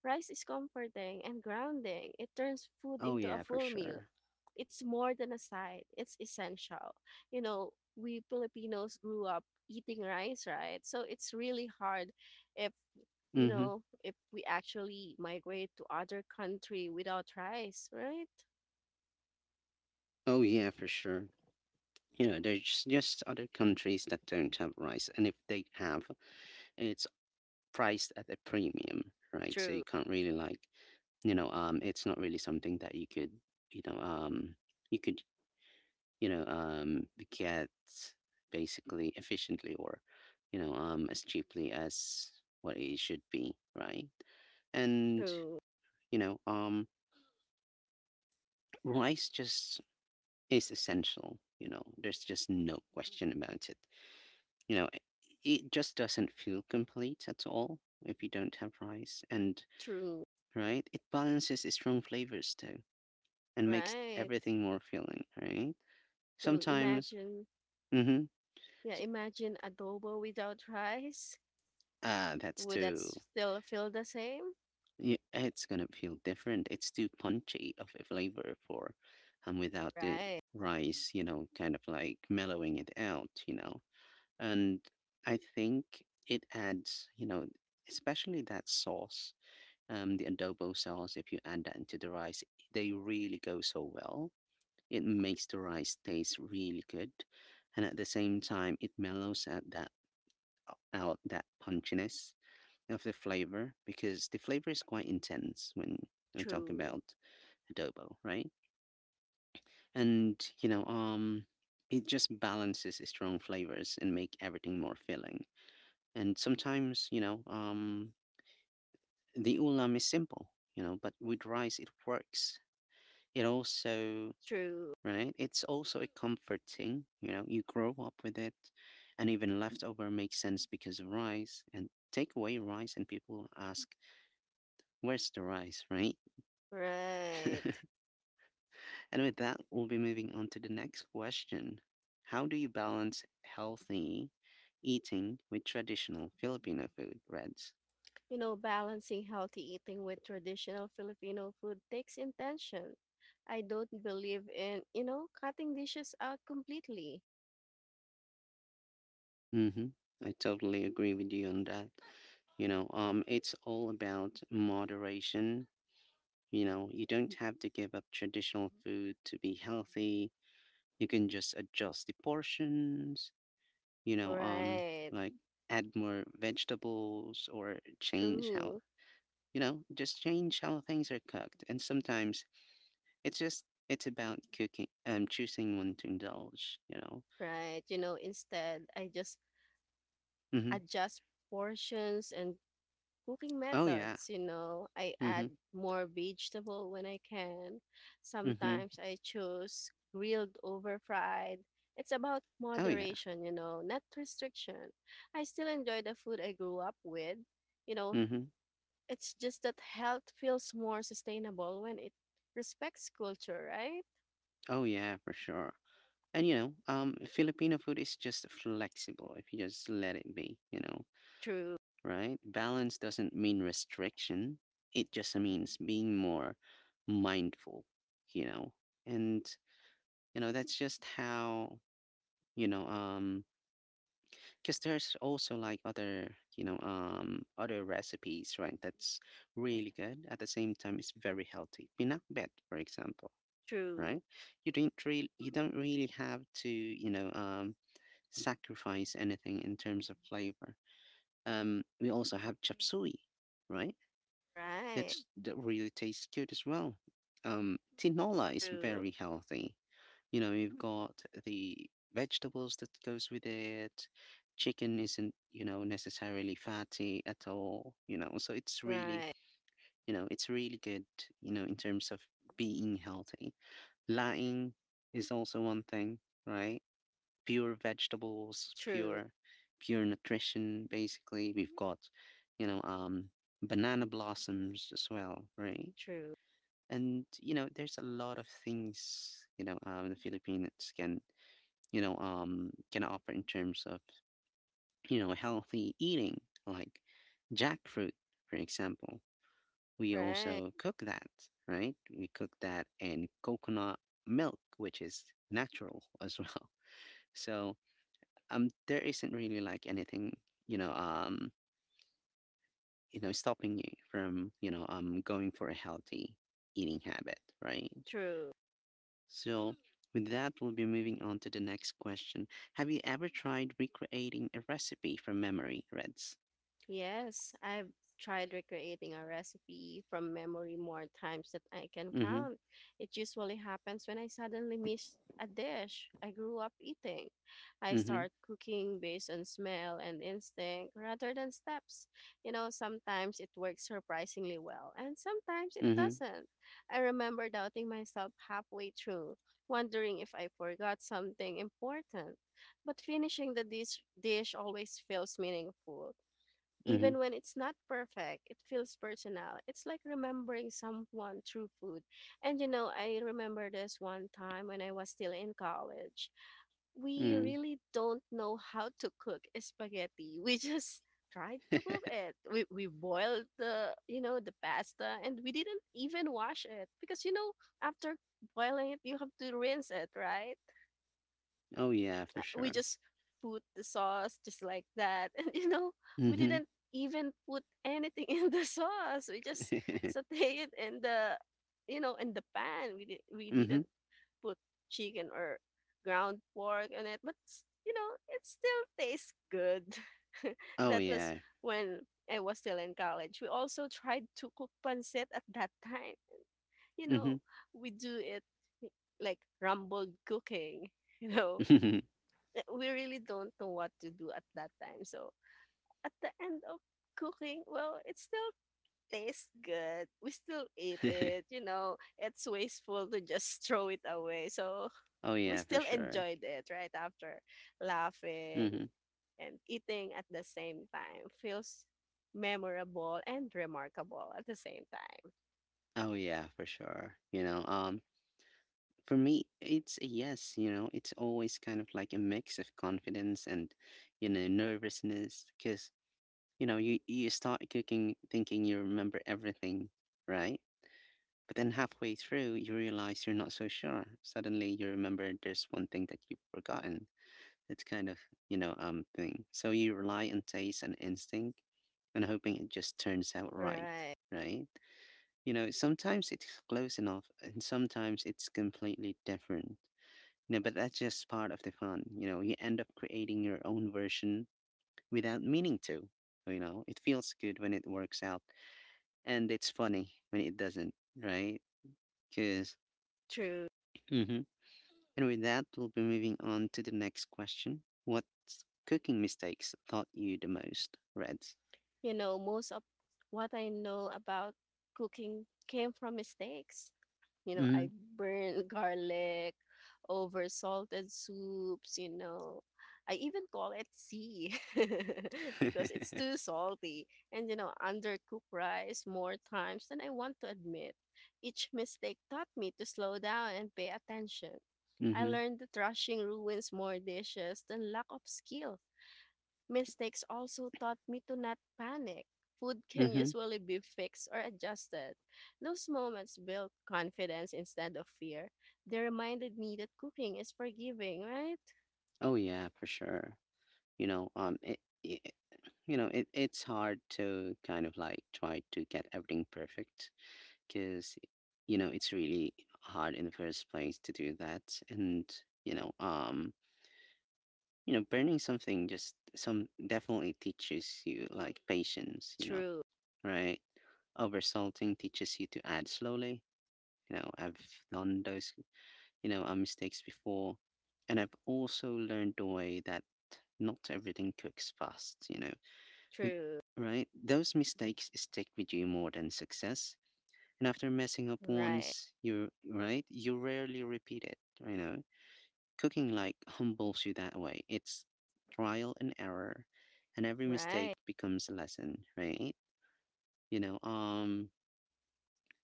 S2: Rice is comforting and grounding. It turns food
S1: Oh
S2: into a
S1: yeah, for
S2: full meal,
S1: sure.
S2: it's more than a side, it's essential. You know, we Filipinos grew up eating rice, right? So it's really hard if,
S1: Mm-hmm.
S2: if we actually migrate to other country without rice, right?
S1: Oh yeah, for sure. You know, there's just other countries that don't have rice, and if they have, it's priced at a premium, right? So you
S2: True.
S1: can't really like it's not really something that you could you know um you could you know um get basically efficiently or as cheaply as what it should be, right? And
S2: True,
S1: you know um rice just is essential. You know, there's just no question about it. You know, it just doesn't feel complete at all if you don't have rice. And
S2: true,
S1: right, it balances its strong flavors too and makes
S2: right,
S1: everything more filling, right?
S2: true.
S1: Sometimes
S2: Imagine,
S1: mhm.
S2: yeah,
S1: S
S2: imagine adobo without rice.
S1: Ah, that's
S2: Would that
S1: too
S2: still feel the same?
S1: yeah, it's gonna feel different. It's too punchy of a flavor for without the
S2: Right,
S1: rice, you know, kind of like mellowing it out, you know? And I think it adds, you know, especially that sauce, the adobo sauce, if you add that into the rice, they really go so well. It makes the rice taste really good. And at the same time, it mellows out that punchiness of the flavor, because the flavor is quite intense when we talk
S2: true,
S1: about adobo, right? And it just balances the strong flavors and make everything more filling. And sometimes, the ulam is simple, you know, but with rice it works. It also,
S2: true,
S1: right? It's also a comforting, you know, you grow up with it, and even leftover makes sense because of rice. And take away rice, and people ask, "Where's the rice?" Right?
S2: right.
S1: [laughs] And with that, we'll be moving on to the next question. How do you balance healthy eating with traditional Filipino food, Reds?
S2: Balancing healthy eating with traditional Filipino food takes intention. I don't believe in, cutting dishes out completely.
S1: Mm-hmm. I totally agree with you on that. It's all about moderation. You know, you don't have to give up traditional food to be healthy. You can just adjust the portions, you know, um,
S2: Right.
S1: like add more vegetables or change how
S2: True.
S1: just change how things are cooked. And sometimes it's just it's about cooking choosing when to indulge, you know.
S2: Right. Instead, I just
S1: Mm-hmm.
S2: adjust portions and cooking
S1: Oh yeah.
S2: methods, you know. I
S1: Mm-hmm.
S2: add more vegetable when I can.
S1: Mm-hmm.
S2: Sometimes I choose grilled over fried. It's about
S1: Oh yeah.
S2: moderation, not restriction. I still enjoy the food I grew up with. You know,
S1: Mm-hmm.
S2: it's just that health feels more sustainable when it respects culture, right?
S1: Oh yeah, for sure. And Filipino food is just flexible if you just let it be, you know,
S2: True,
S1: right? Balance doesn't mean restriction. It just means being more mindful, you know. And that's just how, you know, um because there's also like other other recipes, right, that's really good. At the same time, it's very healthy. Pinakbet, for example,
S2: true,
S1: right? You don't really you don't really have to sacrifice anything in terms of flavor. We also have chapsui, right?
S2: right,
S1: That's that really tastes good as well. Tinola is
S2: true,
S1: very healthy, you know, you've got the vegetables that goes with it. Chicken isn't, you know, necessarily fatty at all, you know. So it's really,
S2: right,
S1: you know, it's really good, you know, in terms of being healthy. Latin is also one thing, right? Pure vegetables,
S2: true,
S1: pure pure nutrition, basically. We've got, you know, um banana blossoms as well, right?
S2: true,
S1: And you know there's a lot of things the Filipinos can can offer in terms of healthy eating, like jackfruit, for example. We
S2: right,
S1: also cook that, right? We cook that in coconut milk, which is natural as well. [laughs] so there isn't really like anything you know um stopping you from going for a healthy eating habit, right?
S2: true.
S1: So with that, we'll be moving on to the next question. Have you ever tried recreating a recipe from memory, Reds?
S2: Yes, I've tried recreating a recipe from memory more times than I can
S1: Mm-hmm.
S2: count. It usually happens when I suddenly miss a dish I grew up eating. I
S1: Mm-hmm.
S2: start cooking based on smell and instinct rather than steps. Sometimes it works surprisingly well, and sometimes it
S1: Mm-hmm.
S2: doesn't. I remember doubting myself halfway through, wondering if I forgot something important. But finishing the dish always feels meaningful
S1: Mm-hmm.
S2: even when it's not perfect, it feels personal. It's like remembering someone through food. And I remember this one time when I was still in college. We
S1: Mm.
S2: really don't know how to cook spaghetti. [laughs] We just tried to
S1: [laughs]
S2: cook it. We boiled the, the pasta, and we didn't even wash it because after boiling it, you have to rinse it, right?
S1: oh yeah, for
S2: We
S1: sure.
S2: just put the sauce just like that. [laughs] And we
S1: Mm-hmm.
S2: didn't even put anything [laughs] in the sauce. We just saute it in the in the pan. We
S1: [laughs] mm-hmm.
S2: didn't put chicken or ground pork on it, but you know, it still tastes good. [laughs]
S1: Oh
S2: That was
S1: yeah.
S2: when I was still in college. We also tried to cook pancit at that time. You know, we do it like rumbled cooking, [laughs] you know
S1: Mm-hmm.
S2: we really don't know what to do at that time. So at the end of cooking, well, it still tastes good. We still eat
S1: [laughs] [laughs]
S2: it, you know. It's wasteful to just [laughs] throw it away. So
S1: oh
S2: we
S1: yeah, for
S2: still
S1: sure.
S2: enjoyed it right after laughing
S1: Mm-hmm.
S2: and eating at the same time. Feels memorable and remarkable at the same time.
S1: Oh yeah, for sure. For me, it's a yes, you know, it's always kind of like a mix of confidence and, you know, nervousness because, you start cooking thinking you remember everything, right? But then halfway through, you realize you're not so sure. Suddenly you remember there's one thing that you've forgotten. It's kind of, thing. So you rely on taste and instinct and hoping it just turns out right,
S2: Right.
S1: right? You know, sometimes it's close enough and sometimes it's completely different no, but that's just part of the fun. You know, you end up creating your own version without meaning to. You know, it feels good when it works out, and it's funny when it doesn't, right? Because,
S2: True.
S1: hmm, and with that, we'll be moving on to the next question. What cooking mistakes taught you the most, Reds?
S2: Most of what I know about cooking came from mistakes.
S1: Mm.
S2: I burn [laughs] garlic, over salted soups, you know. I even call it sea [laughs]
S1: [laughs]
S2: because it's
S1: mm-hmm.
S2: too salty. And, undercook rice more times than I want to admit. Each mistake taught me to slow down and pay attention. I learned that rushing ruins more dishes than lack of skill. Mistakes also taught me to not panic. Food [laughs] can
S1: Mm-hmm.
S2: usually be fixed or adjusted. Those moments built confidence instead of fear. They reminded me that cooking is forgiving, right?
S1: Oh yeah, for sure. You know, um, it, it, you know it's hard to kind of like try to get everything perfect, because you know it's really hard in the first place to do that. And you know um you know burning something just some definitely teaches you like patience, you know,
S2: True,
S1: right? Over salting teaches you to add slowly. You know, I've done those mistakes before, and I've also learned the way that not everything cooks fast, you know. Th-
S2: true.
S1: Right? Those mistakes stick with you more than success. And after messing up
S2: Right,
S1: once, you rarely repeat it, you know. Cooking like humbles you that way. It's trial and error, and every mistake
S2: right,
S1: becomes a lesson, right? You know, um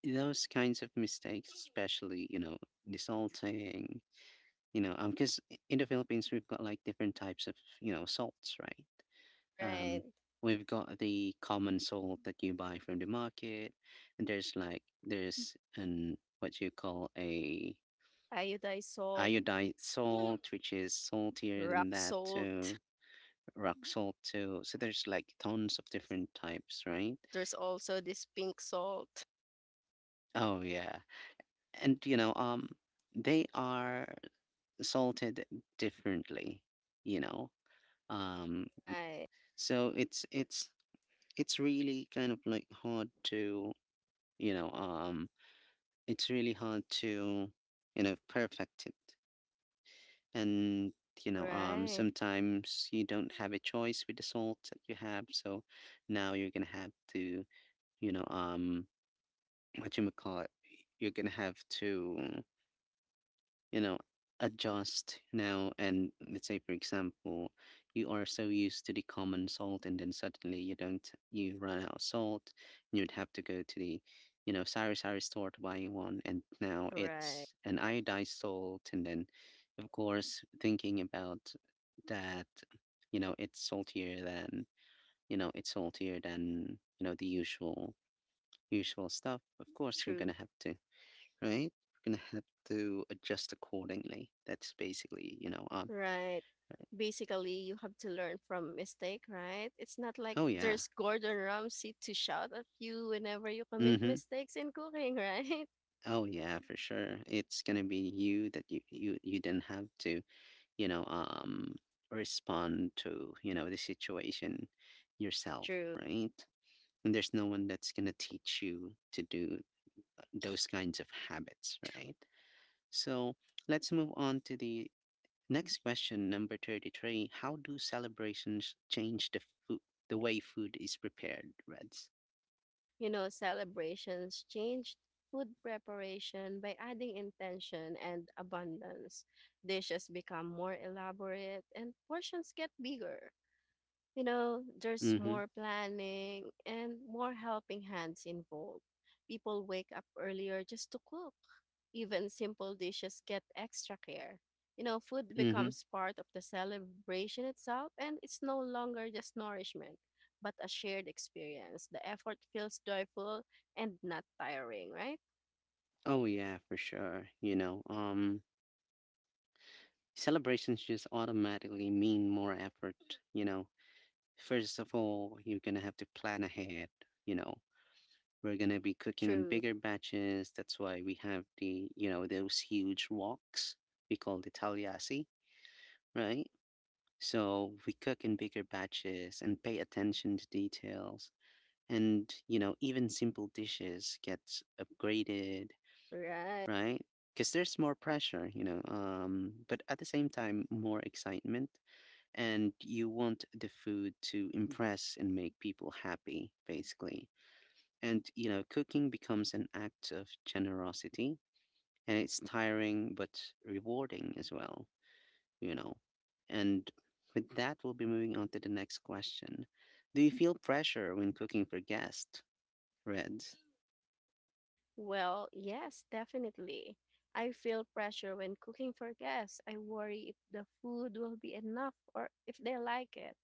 S1: those kinds of mistakes, especially, you know, the salting. Because in the Philippines we've got like different types of, you know, salts, right?
S2: right.
S1: Um, we've got the common salt that you buy from the market, and there's like there's an what you call a
S2: Iodized salt,
S1: iodized salt, which is saltier
S2: rock
S1: than that
S2: salt.
S1: too. Rock salt too. So there's like tons of different types, right?
S2: There's also this pink salt.
S1: Oh yeah, and they are salted differently, you know. Um,
S2: Right,
S1: so it's really kind of like hard to you know um it's really hard to perfect it. And
S2: right,
S1: sometimes you don't have a choice with the salt that you have, so now you're gonna have to you know um what you call it, you're gonna have to you know adjust now. And let's say, for example, you are so used to the common salt and then suddenly you don't you run out of salt, and you'd have to go to the sari sari store to buy one, and now
S2: right.
S1: it's an iodized salt. And then of course thinking about that, you know it's saltier than you know it's saltier than the usual usual stuff, of course you're
S2: True.
S1: gonna have to right? We're gonna have to adjust accordingly. That's basically,
S2: Right. Basically, you have to learn from mistake, right? It's not like
S1: oh yeah.
S2: there's Gordon Ramsay to shout at you whenever you commit
S1: Mm-hmm.
S2: mistakes in cooking, right?
S1: Oh yeah, for sure. It's gonna be you that you didn't have to, you know, um, respond to, you know, the situation yourself,
S2: [laughs] True.
S1: right? And there's no one that's gonna teach you to do those kinds of habits, right? So let's move on to the Next question, number 33. How do celebrations change the food, the way food is prepared, Reds?
S2: Celebrations changed food preparation by adding intention and abundance. Dishes become more elaborate and portions get bigger. There's
S1: Mm-hmm.
S2: more planning and more helping hands involved. People wake up earlier just to cook. Even simple dishes get extra care. Food
S1: Mm-hmm.
S2: becomes part of the celebration itself, and it's no longer just nourishment, but a shared experience. The effort feels joyful and not tiring, right?
S1: Oh yeah, for sure. Celebrations just automatically mean more effort. You know, First of all, you're gonna have to plan ahead. You know, we're gonna be cooking in
S2: True.
S1: bigger batches. That's why we have the, you know, those huge woks. We call the tagliasi, right? So we cook in bigger batches and pay attention to details. And, you know, even simple dishes get upgraded,
S2: Right.
S1: right? Because there's more pressure, but at the same time, more excitement. And you want the food to impress and make people happy, basically. And, you know, cooking becomes an act of generosity. And it's tiring but rewarding as well you know. And with that, we'll be moving on to the next question. Do you feel pressure when cooking for guests? Reds.
S2: Well, yes, definitely. I feel pressure when cooking for guests. I worry if the food will be enough or if they like it.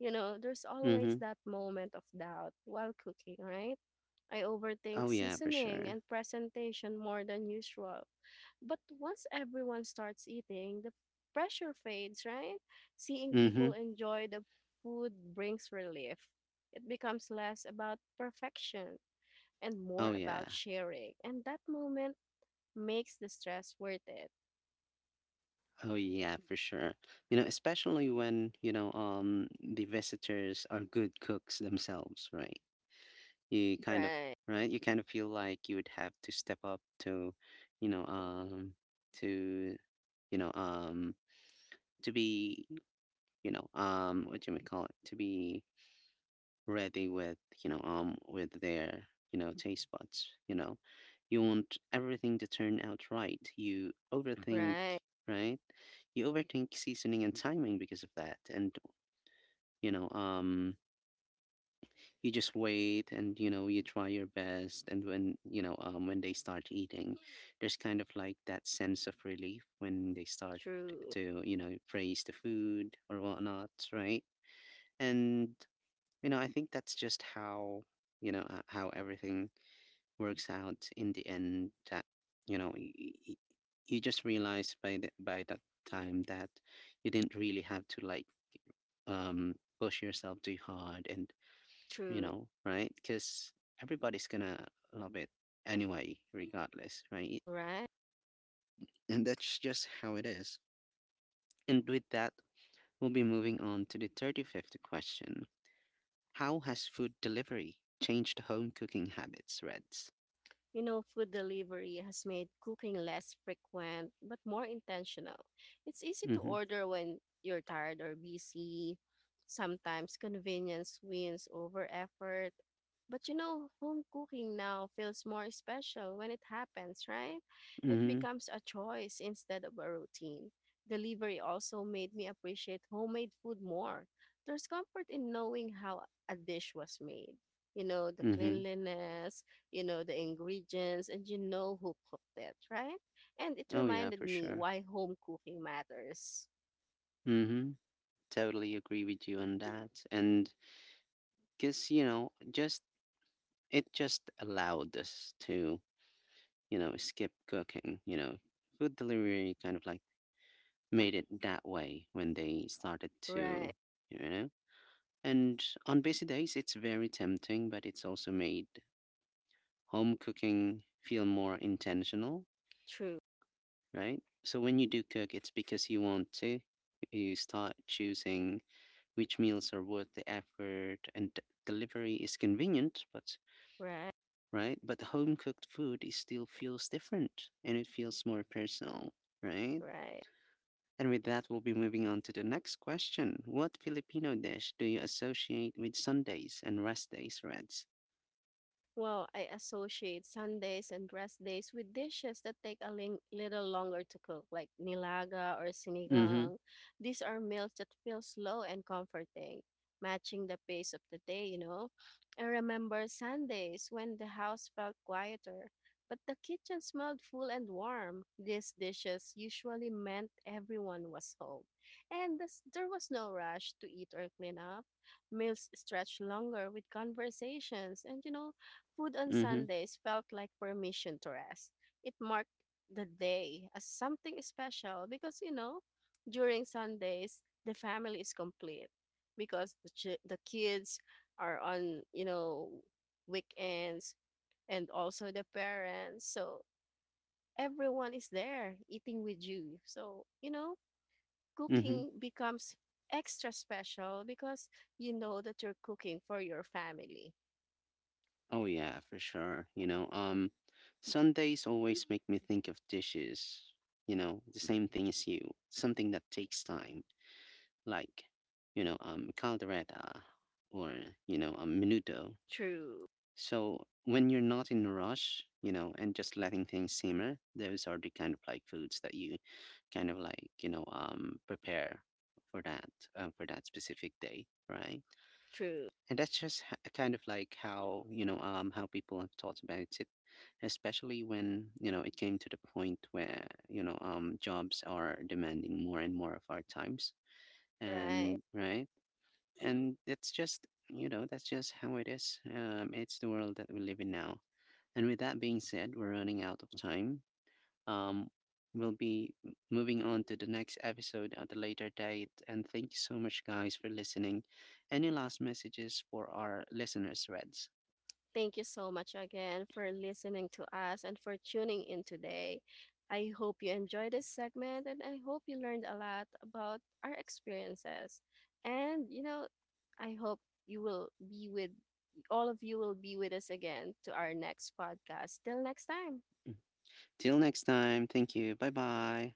S2: There's always
S1: Mm-hmm.
S2: that moment of doubt while cooking, right? I overthink
S1: Oh yeah, for
S2: seasoning
S1: sure.
S2: and presentation more than usual. But once everyone starts eating, the pressure fades, right? Seeing people
S1: Mm-hmm.
S2: enjoy the food brings relief. It becomes less about perfection and more
S1: Oh yeah.
S2: about sharing. And that moment makes the stress worth it.
S1: Oh yeah, for sure. You know, especially when, the visitors are good cooks themselves, right? You kind of
S2: Right,
S1: right? You kind of feel like you would have to step up to, you know, um to you know, um to be, what do you may call it? To be ready with with their taste buds. You want everything to turn out right. You Mm. overthink
S2: right.
S1: right. You overthink seasoning and timing because of that. And you know um you just wait and you try your best. And when when they start eating, there's kind of like that sense of relief when they start
S2: True,
S1: to, you know, praise the food or whatnot, right? And, you know, I think that's just how, how everything works out in the end. That, you know, you just realize by that time that you didn't really have to, like, um push yourself too hard. And, you
S2: true,
S1: know, right? Because everybody's gonna love it anyway, regardless, right? [laughs]
S2: right.
S1: And that's just how it is. And with that, we'll be moving on to the 35th question. How has food delivery changed home cooking habits, Reds?
S2: Food delivery has made cooking less frequent but more intentional. It's easy to
S1: Mm-hmm.
S2: order when you're tired or busy. Sometimes convenience wins over effort. But home cooking now feels more special when it happens, right? It
S1: Mm-hmm.
S2: becomes a choice instead of a routine. Delivery also made me appreciate homemade food more. There's comfort in knowing how a dish was made. The
S1: Mm-hmm.
S2: cleanliness, you know the ingredients, and you know who cooked it, right? And it
S1: Oh yeah,
S2: reminded
S1: for
S2: me
S1: sure.
S2: why home cooking matters.
S1: Mm-hmm. Totally agree with you on that. And because, you know, just it just allowed us to, you know, skip cooking, you know. Food delivery kind of like made it that way when they started to,
S2: Right,
S1: you know. And on busy days it's very tempting, but it's also made home cooking feel more intentional,
S2: true,
S1: right? So when you do cook, it's because you want to. You start choosing which meals are worth the effort. And delivery is convenient, but
S2: right,
S1: right? But home cooked food is still feels different, and it feels more personal, right?
S2: right.
S1: And with that, we'll be moving on to the next question. What Filipino dish do you associate with Sundays and rest days, Reds?
S2: Well, I associate Sundays and rest days with dishes that take a little longer to cook, like nilaga or
S1: Mm-hmm.
S2: sinigang. These are meals that feel slow and comforting, matching the pace of the day, you know. I remember Sundays when the house felt quieter, but the kitchen smelled full and warm. These dishes usually meant everyone was home, and thus there was no rush to eat or clean up. Meals stretched longer with conversations, and you know, food on
S1: Mm-hmm.
S2: Sundays felt like permission to rest. It marked the day as something special because, during Sundays, the family is complete because the, the kids are on, weekends and also the parents. So everyone is there eating with you. So,
S1: Mm-hmm.
S2: cooking becomes extra special because you know that you're cooking for your family.
S1: Oh yeah, for sure. Sundays always make me think of dishes. You know, the same thing as you. Something that takes time, like, caldereta, or menudo.
S2: True,
S1: So when you're not in a rush, you know, and just letting things simmer, those are the kind of like foods that you kind of like, prepare for that, for that specific day, right?
S2: true.
S1: And that's just kind of like how, how people have thought about it, especially when, it came to the point where, jobs are demanding more and more of our times.
S2: Right.
S1: And right. And that's just, you know, that's just how it is. Um, it's the world that we live in now. And with that being said, we're running out of time. Um, we'll be moving on to the next episode at a later date. And thank you so much, guys, for listening. Any last messages for our listeners, Reds?
S2: Thank you so much again for listening to us and for tuning in today. I hope you enjoyed this segment, and I hope you learned a lot about our experiences. And, I hope you will be with all of you will be with us again to our next podcast. Till next time.
S1: Till next time, thank you. Bye bye.